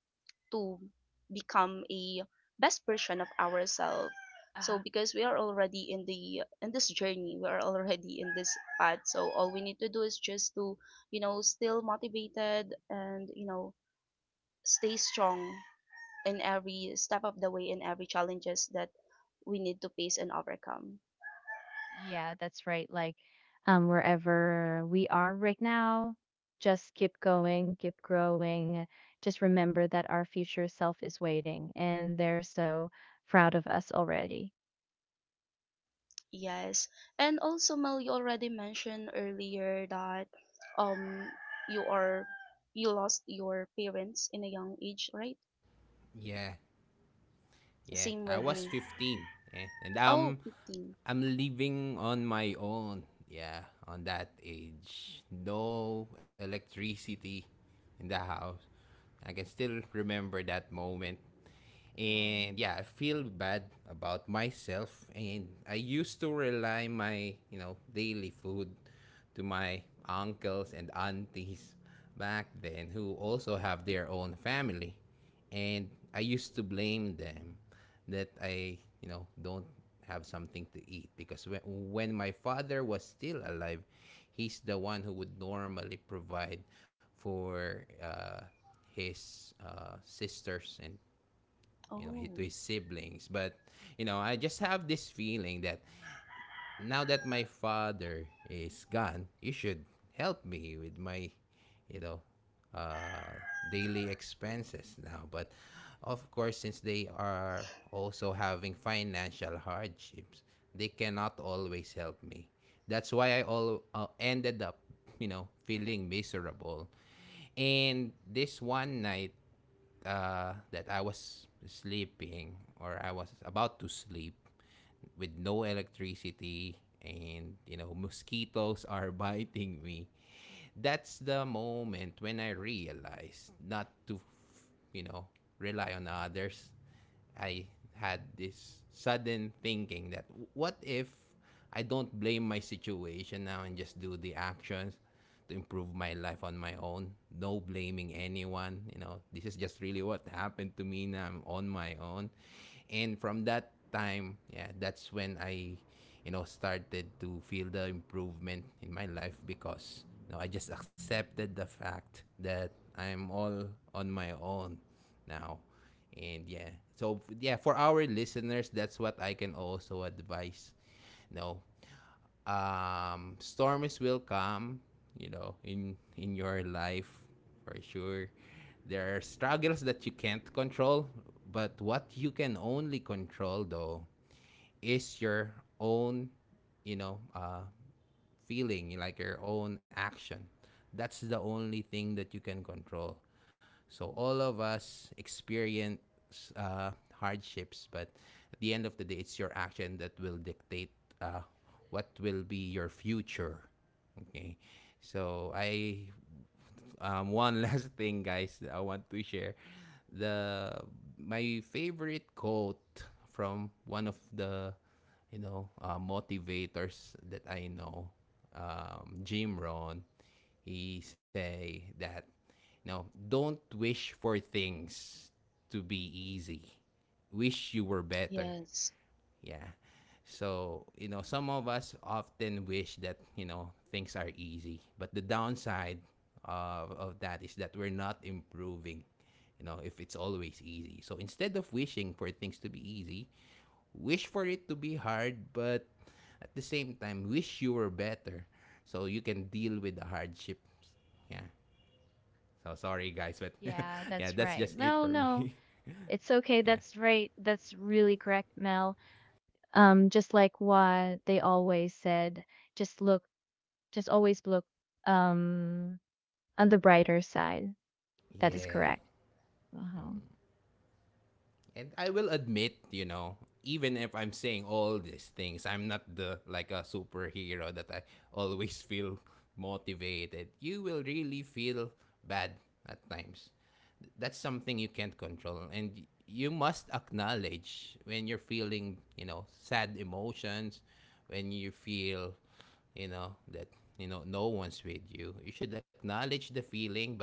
[SPEAKER 1] to become a best version of ourselves. So
[SPEAKER 3] Uh,
[SPEAKER 1] because we are already in the in this journey, we are already in this path, so all we need to do is just to, you know, still motivated and, you know, stay strong in every step of the way, in every challenges that we need to face and overcome.
[SPEAKER 3] Yeah, that's right. Like, wherever we are right now, just keep going, keep growing. Just remember that our future self is waiting and they're so proud of us already.
[SPEAKER 1] Yes. And also, Mel, you already mentioned earlier that um you are, you lost your parents in a young age, right?
[SPEAKER 2] yeah. Yeah,
[SPEAKER 1] Same
[SPEAKER 2] I
[SPEAKER 1] with
[SPEAKER 2] was
[SPEAKER 1] me.
[SPEAKER 2] 15. Yeah. And
[SPEAKER 1] Oh, 15.
[SPEAKER 2] I'm living on my own. Yeah, on that age. No electricity in the house. I can still remember that moment. And
[SPEAKER 3] Mm.
[SPEAKER 2] yeah, I feel bad about myself, and I used to rely my, you know, daily food to my uncles and aunties back then, who also have their own family. And I used to blame them that I, you know, don't have something to eat. Because when my father was still alive, he's the one who would normally provide for his sisters and, you know, his, to
[SPEAKER 1] Oh.
[SPEAKER 2] his siblings. But you know, I just have this feeling that now that my father is gone, you should help me with my, you know, uh, daily expenses now. But of course, since they are also having financial hardships, they cannot always help me. That's why I all ended up, you know, feeling miserable. And this one night, that I was sleeping or I was about to sleep with no electricity, and you know, mosquitoes [laughs] are biting me, that's the moment when I realized not to, you know, rely on others. I had this sudden thinking that, what if I don't blame my situation now and just do the actions to improve my life on my own? No blaming anyone. You know, this is just really what happened to me. Now I'm on my own. And from that time, yeah, that's when you know, started to feel the improvement in my life. Because you know, I just accepted the fact that I'm all on my own now. And yeah, yeah, for our listeners, that's what I can also advise. No, um, storms will come, you know, in your life, for sure. There are struggles that you can't control, but what you can only control, though, is your own, you know, feeling, like your own action. That's the only thing that you can control. So all of us experience hardships, but at the end of the day, it's your action that will dictate uh, what will be your future. Okay, so I one [laughs] last thing, guys, that I want to share. The My favorite quote from one of the, you know, motivators that I know, Jim Rohn. He say that, you know, don't wish for things to be easy. Wish you were better.
[SPEAKER 1] Yes.
[SPEAKER 2] Yeah. So, you know, some of us often wish that, you know, things are easy. But the downside of that is that we're not improving, you know, if it's always easy. So instead of wishing for things to be easy, wish for it to be hard, but at the same time, wish you were better so you can deal with the hardships. Yeah. So sorry, guys, but [laughs]
[SPEAKER 3] Yeah,
[SPEAKER 2] yeah,
[SPEAKER 3] that's
[SPEAKER 2] that's
[SPEAKER 3] right.
[SPEAKER 2] just it for
[SPEAKER 3] Oh no,
[SPEAKER 2] me.
[SPEAKER 3] it's okay.
[SPEAKER 2] [laughs] yeah.
[SPEAKER 3] That's right. That's really correct, Mel. Just like what they always said, just look, just always look, um, on the brighter side. That is
[SPEAKER 2] Yeah.
[SPEAKER 3] correct. Uh-huh.
[SPEAKER 2] And I will admit, you know, even if I'm saying all these things, I'm not the like a superhero that I [laughs] always feel motivated. You will really feel bad at times. That's something you can't control, and you must acknowledge when you're feeling, you know, sad emotions, when you feel, you know, that, you know, no one's with you. You should acknowledge the feeling, but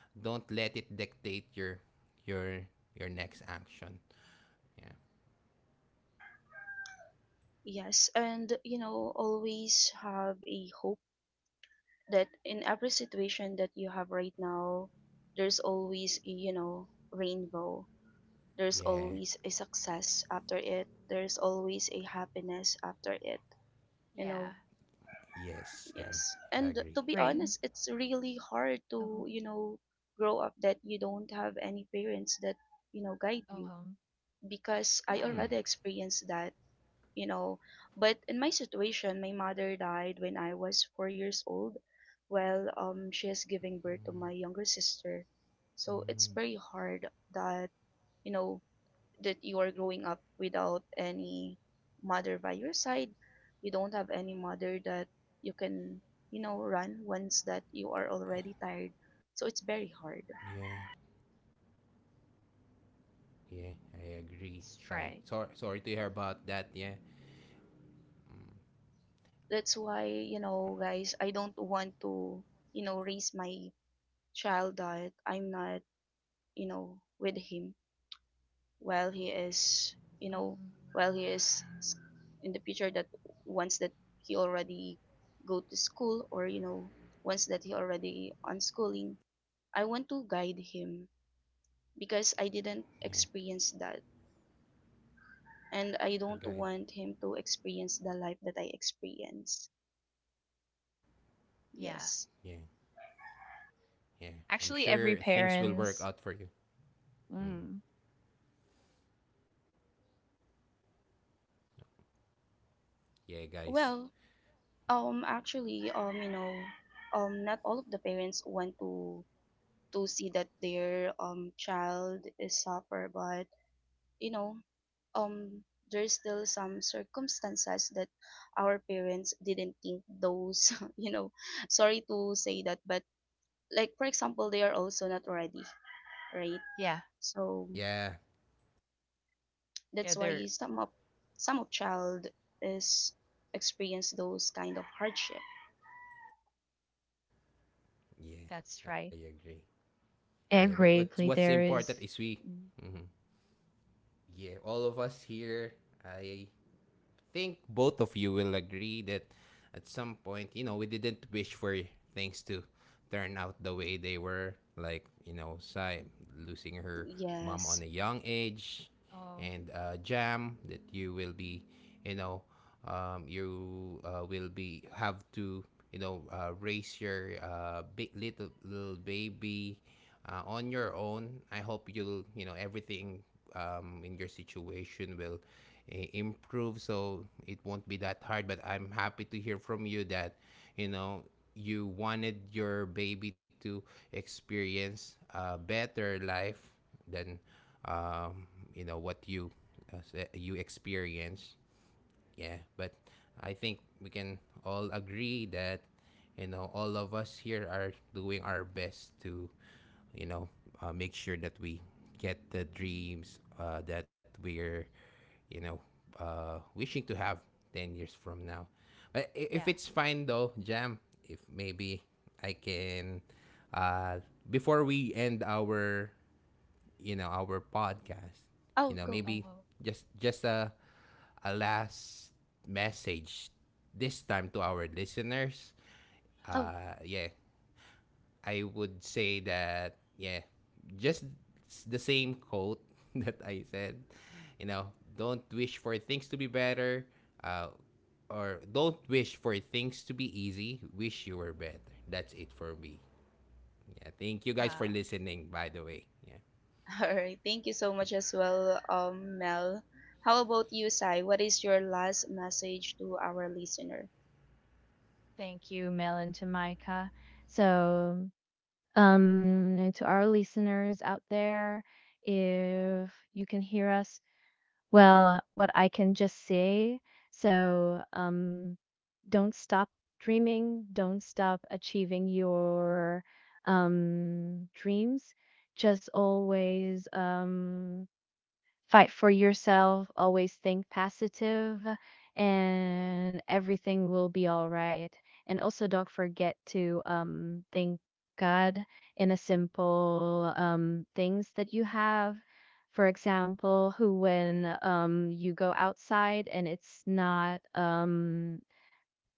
[SPEAKER 2] don't let it dictate your your next action. Yeah.
[SPEAKER 1] Yes, and you know, always have a hope that in every situation that you have right now, there's always a, you know, rainbow. There's
[SPEAKER 2] Yeah.
[SPEAKER 1] always a success after it. There's always a happiness after it. You
[SPEAKER 3] Yeah.
[SPEAKER 1] know,
[SPEAKER 2] Yes, Jam.
[SPEAKER 1] yes.
[SPEAKER 2] I
[SPEAKER 1] And
[SPEAKER 2] agree.
[SPEAKER 1] to be
[SPEAKER 3] Right.
[SPEAKER 1] honest, it's really hard
[SPEAKER 3] Oh,
[SPEAKER 1] to, you know, grow up that you don't have any parents that, you know, guide
[SPEAKER 3] oh,
[SPEAKER 1] you,
[SPEAKER 3] home
[SPEAKER 1] because I
[SPEAKER 2] Hmm.
[SPEAKER 3] line.
[SPEAKER 1] already experienced that, you know. But in my situation, my mother died when I was 4 years old. Well, she is giving birth to my younger sister. So it's very hard that, you know, that you are growing up without any mother by your side. You don't have any mother that you can, you know, run once that you are already tired. So it's very hard.
[SPEAKER 2] Yeah. Yeah. I agree. Sai.
[SPEAKER 3] Stray.
[SPEAKER 2] Sorry. Sorry to hear about that. Yeah. Mm.
[SPEAKER 1] That's why, you know, guys, I don't want to, you know, raise my child that I'm not, you know, with him while he is, you know,
[SPEAKER 3] Um,
[SPEAKER 1] while he is s- in the future that once that he already go to school, or, you know, once that he already on schooling, I want to guide him because I didn't
[SPEAKER 2] Yeah.
[SPEAKER 1] experience that. And I
[SPEAKER 2] The
[SPEAKER 1] don't
[SPEAKER 2] guy.
[SPEAKER 1] want him to experience the life that I experienced.
[SPEAKER 3] yeah.
[SPEAKER 1] Yes.
[SPEAKER 2] Yeah. Yeah. I'm
[SPEAKER 3] Actually, every
[SPEAKER 2] sure things will work
[SPEAKER 3] parents.
[SPEAKER 2] out for you. Mm.
[SPEAKER 3] Mm.
[SPEAKER 2] Yeah, guys.
[SPEAKER 1] Well, actually, you know, not all of the parents want to see that their child is suffer, but you know, um there's still some circumstances that our parents didn't think those, [laughs] you know, sorry to say that, but like for example, they are also not ready, right?
[SPEAKER 3] Yeah,
[SPEAKER 1] So
[SPEAKER 2] Yeah.
[SPEAKER 3] yeah,
[SPEAKER 1] that's
[SPEAKER 3] they're
[SPEAKER 1] why some of child is experience those kind of hardship.
[SPEAKER 2] Yeah.
[SPEAKER 3] that's
[SPEAKER 2] I
[SPEAKER 3] right.
[SPEAKER 2] agree. Yeah. But what's
[SPEAKER 3] Every play there
[SPEAKER 2] important is
[SPEAKER 3] is.
[SPEAKER 2] we.
[SPEAKER 3] Mm.
[SPEAKER 2] hmm. Yeah. All of us here. I think both of you will agree that at some point, you know, we didn't wish for things to turn out the way they were. Like, you know, Sai losing her mom on a
[SPEAKER 1] Yes.
[SPEAKER 2] young age,
[SPEAKER 3] Oh,
[SPEAKER 2] and Jam, that you will be, you know, you will be have to, you know, raise your big little baby on your own. I hope you'll, you know, everything in your situation will improve, so it won't be that hard. But I'm happy to hear from you that, you know, you wanted your baby to experience a better life than um, you know, what you you experience. Yeah, but I think we can all agree that, you know, all of us here are doing our best to, you know, make sure that we get the dreams that we're, you know, wishing to have 10 years from now. But if
[SPEAKER 3] yeah.
[SPEAKER 2] it's fine though, Jam, if maybe I can uh before we end our, you know, our podcast, you
[SPEAKER 1] Oh,
[SPEAKER 2] know,
[SPEAKER 1] go.
[SPEAKER 3] Oh,
[SPEAKER 2] maybe
[SPEAKER 3] well,
[SPEAKER 2] just a last message this time to our listeners.
[SPEAKER 1] Oh,
[SPEAKER 3] [sighs]
[SPEAKER 2] Yeah, I would say that, yeah, just the same quote [laughs] that I said, you know, don't wish for things to be better, uh or don't wish for things to be easy, wish you were better. That's it for me. Yeah, thank you, guys,
[SPEAKER 3] wow.
[SPEAKER 2] for listening, by the way. Yeah,
[SPEAKER 1] [laughs] all right. Thank you so much as well, Mel. How about you, Sai? What is your last message to our listener?
[SPEAKER 3] Thank you, Mel and Tamika. So, to our listeners out there, if you can hear us, well, what I can just say. So, don't stop dreaming, don't stop achieving your dreams. Just always fight for yourself, always think positive, and everything will be all right. And also, don't forget to thank God in a simple things that you have. For example, who when you go outside and it's not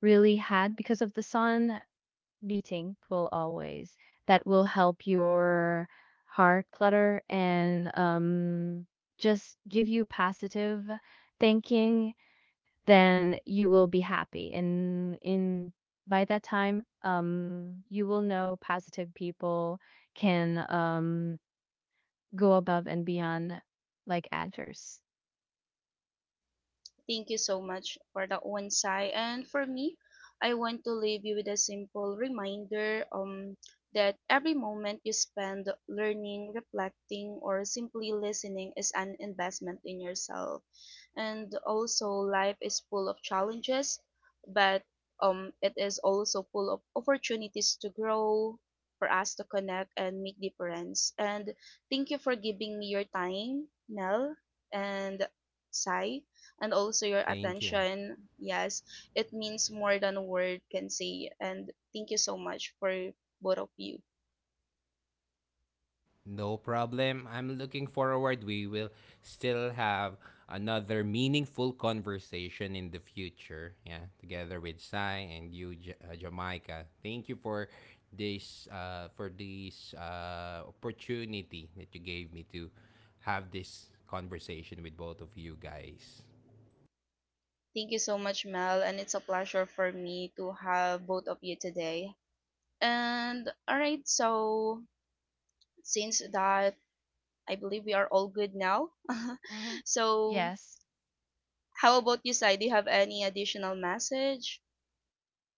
[SPEAKER 3] really had because of the sun beating will always that will help your heart clutter and just give you positive thinking, then you will be happy and in by that time you will know positive people can go above and beyond, like actors.
[SPEAKER 1] Thank you so much for that one, Sai. And for me, I want to leave you with a simple reminder that every moment you spend learning, reflecting, or simply listening is an investment in yourself. And also, life is full of challenges, but it is also full of opportunities to grow, for us to connect and make difference. And thank you for giving me your time, Nell and Sai, and also your
[SPEAKER 2] thank you.
[SPEAKER 1] attention. Yes, it means more than a word can say. And thank you so much for both of you.
[SPEAKER 2] No problem. I'm looking forward. We will still have another meaningful conversation in the future. Yeah, together with Sai and you, Jamaica. Thank you for this opportunity that you gave me to have this conversation with both of you guys.
[SPEAKER 1] Thank you so much, Mel. And it's a pleasure for me to have both of you today. And all right, so since that, I believe we are all good now. [laughs]
[SPEAKER 3] Oh,
[SPEAKER 1] So,
[SPEAKER 3] yes.
[SPEAKER 1] how about you, Sai? Do you have any additional message?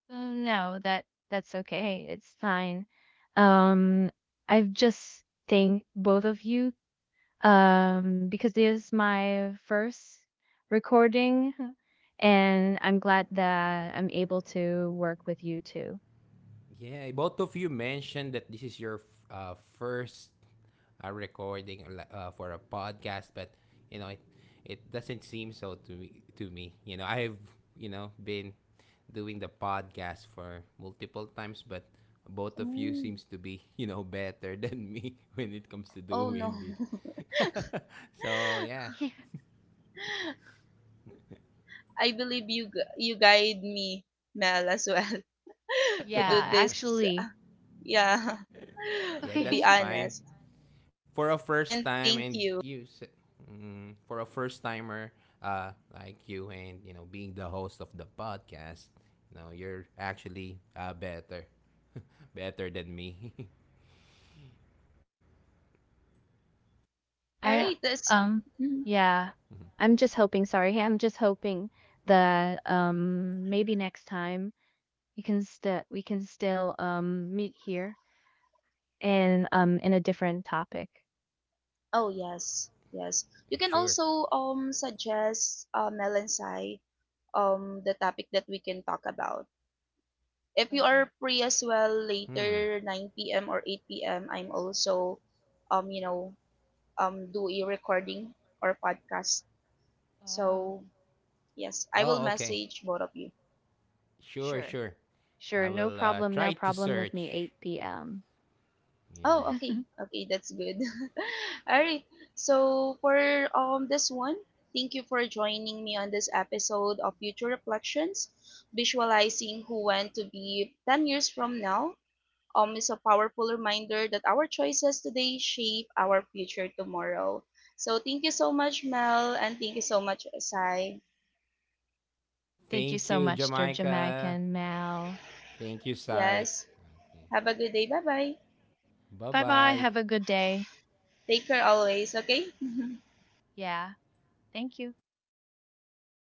[SPEAKER 3] Oh, no, that that's okay. It's fine. Um, I've just thanked both of you because this is my first recording and I'm glad that I'm able to work with you too. [laughs]
[SPEAKER 2] Yeah, both of you mentioned that this is your first recording like, for a podcast, but you know, it doesn't seem so to me. You know, I've, you know, been doing the podcast for multiple times, but both of you
[SPEAKER 1] Mm.
[SPEAKER 2] seems to be [laughs] you know, better than me [laughs] when it comes to
[SPEAKER 1] Oh no.
[SPEAKER 2] doing this. [laughs] So
[SPEAKER 1] [laughs]
[SPEAKER 2] yeah,
[SPEAKER 3] Yeah.
[SPEAKER 1] I believe you guide me, Mel, as well, [laughs] to do
[SPEAKER 3] Yeah,
[SPEAKER 2] [laughs]
[SPEAKER 1] this.
[SPEAKER 3] actually,
[SPEAKER 1] Yeah,
[SPEAKER 3] [laughs]
[SPEAKER 2] yeah,
[SPEAKER 1] [laughs] to
[SPEAKER 2] that's
[SPEAKER 1] be
[SPEAKER 3] okay.
[SPEAKER 2] fine.
[SPEAKER 1] honest.
[SPEAKER 2] For a first
[SPEAKER 1] And
[SPEAKER 2] time. And
[SPEAKER 1] thank
[SPEAKER 2] you
[SPEAKER 1] you.
[SPEAKER 2] mm, for a first timer like you, and you know, being the host of the podcast, you know, you're actually better than me. [laughs]
[SPEAKER 1] All
[SPEAKER 3] I
[SPEAKER 1] right, that's.
[SPEAKER 3] um
[SPEAKER 1] Mhm.
[SPEAKER 3] yeah, I'm just hoping that maybe next time you can still we can still meet here and in a different topic.
[SPEAKER 1] Oh yes, yes. You can
[SPEAKER 2] Sure.
[SPEAKER 1] also suggest Mel and Sai the topic that we can talk about. If you
[SPEAKER 3] Uh-huh.
[SPEAKER 1] are free as well
[SPEAKER 2] Hmm.
[SPEAKER 1] later 9 p.m. or 8 p.m., I'm also um you know do a recording or podcast.
[SPEAKER 3] Uh,
[SPEAKER 1] So yes, I will
[SPEAKER 2] Oh, okay.
[SPEAKER 1] message both of you.
[SPEAKER 3] sure.
[SPEAKER 2] Sure. I
[SPEAKER 3] Sure, no
[SPEAKER 2] will
[SPEAKER 3] problem
[SPEAKER 2] try to
[SPEAKER 3] with me
[SPEAKER 2] search.
[SPEAKER 3] 8 p.m.
[SPEAKER 2] Yeah.
[SPEAKER 1] Oh, okay.
[SPEAKER 3] [laughs]
[SPEAKER 1] Okay, that's good. [laughs] All right. So for this one, thank you for joining me on this episode of Future Reflections. Visualizing who want to be 10 years from now is a powerful reminder that our choices today shape our future tomorrow. So thank you so much, Mel, and thank you so much, Sai.
[SPEAKER 3] Thank you
[SPEAKER 2] Thank
[SPEAKER 3] so
[SPEAKER 2] you,
[SPEAKER 3] much, Sturge
[SPEAKER 2] Jamaica.
[SPEAKER 3] American. Now,
[SPEAKER 2] Thank you, Sai.
[SPEAKER 1] Yes. Have a good day. Bye-bye.
[SPEAKER 2] Bye
[SPEAKER 3] bye bye.
[SPEAKER 2] bye.
[SPEAKER 3] Have a good day.
[SPEAKER 1] Take care always, okay? [laughs]
[SPEAKER 3] Yeah. Thank you.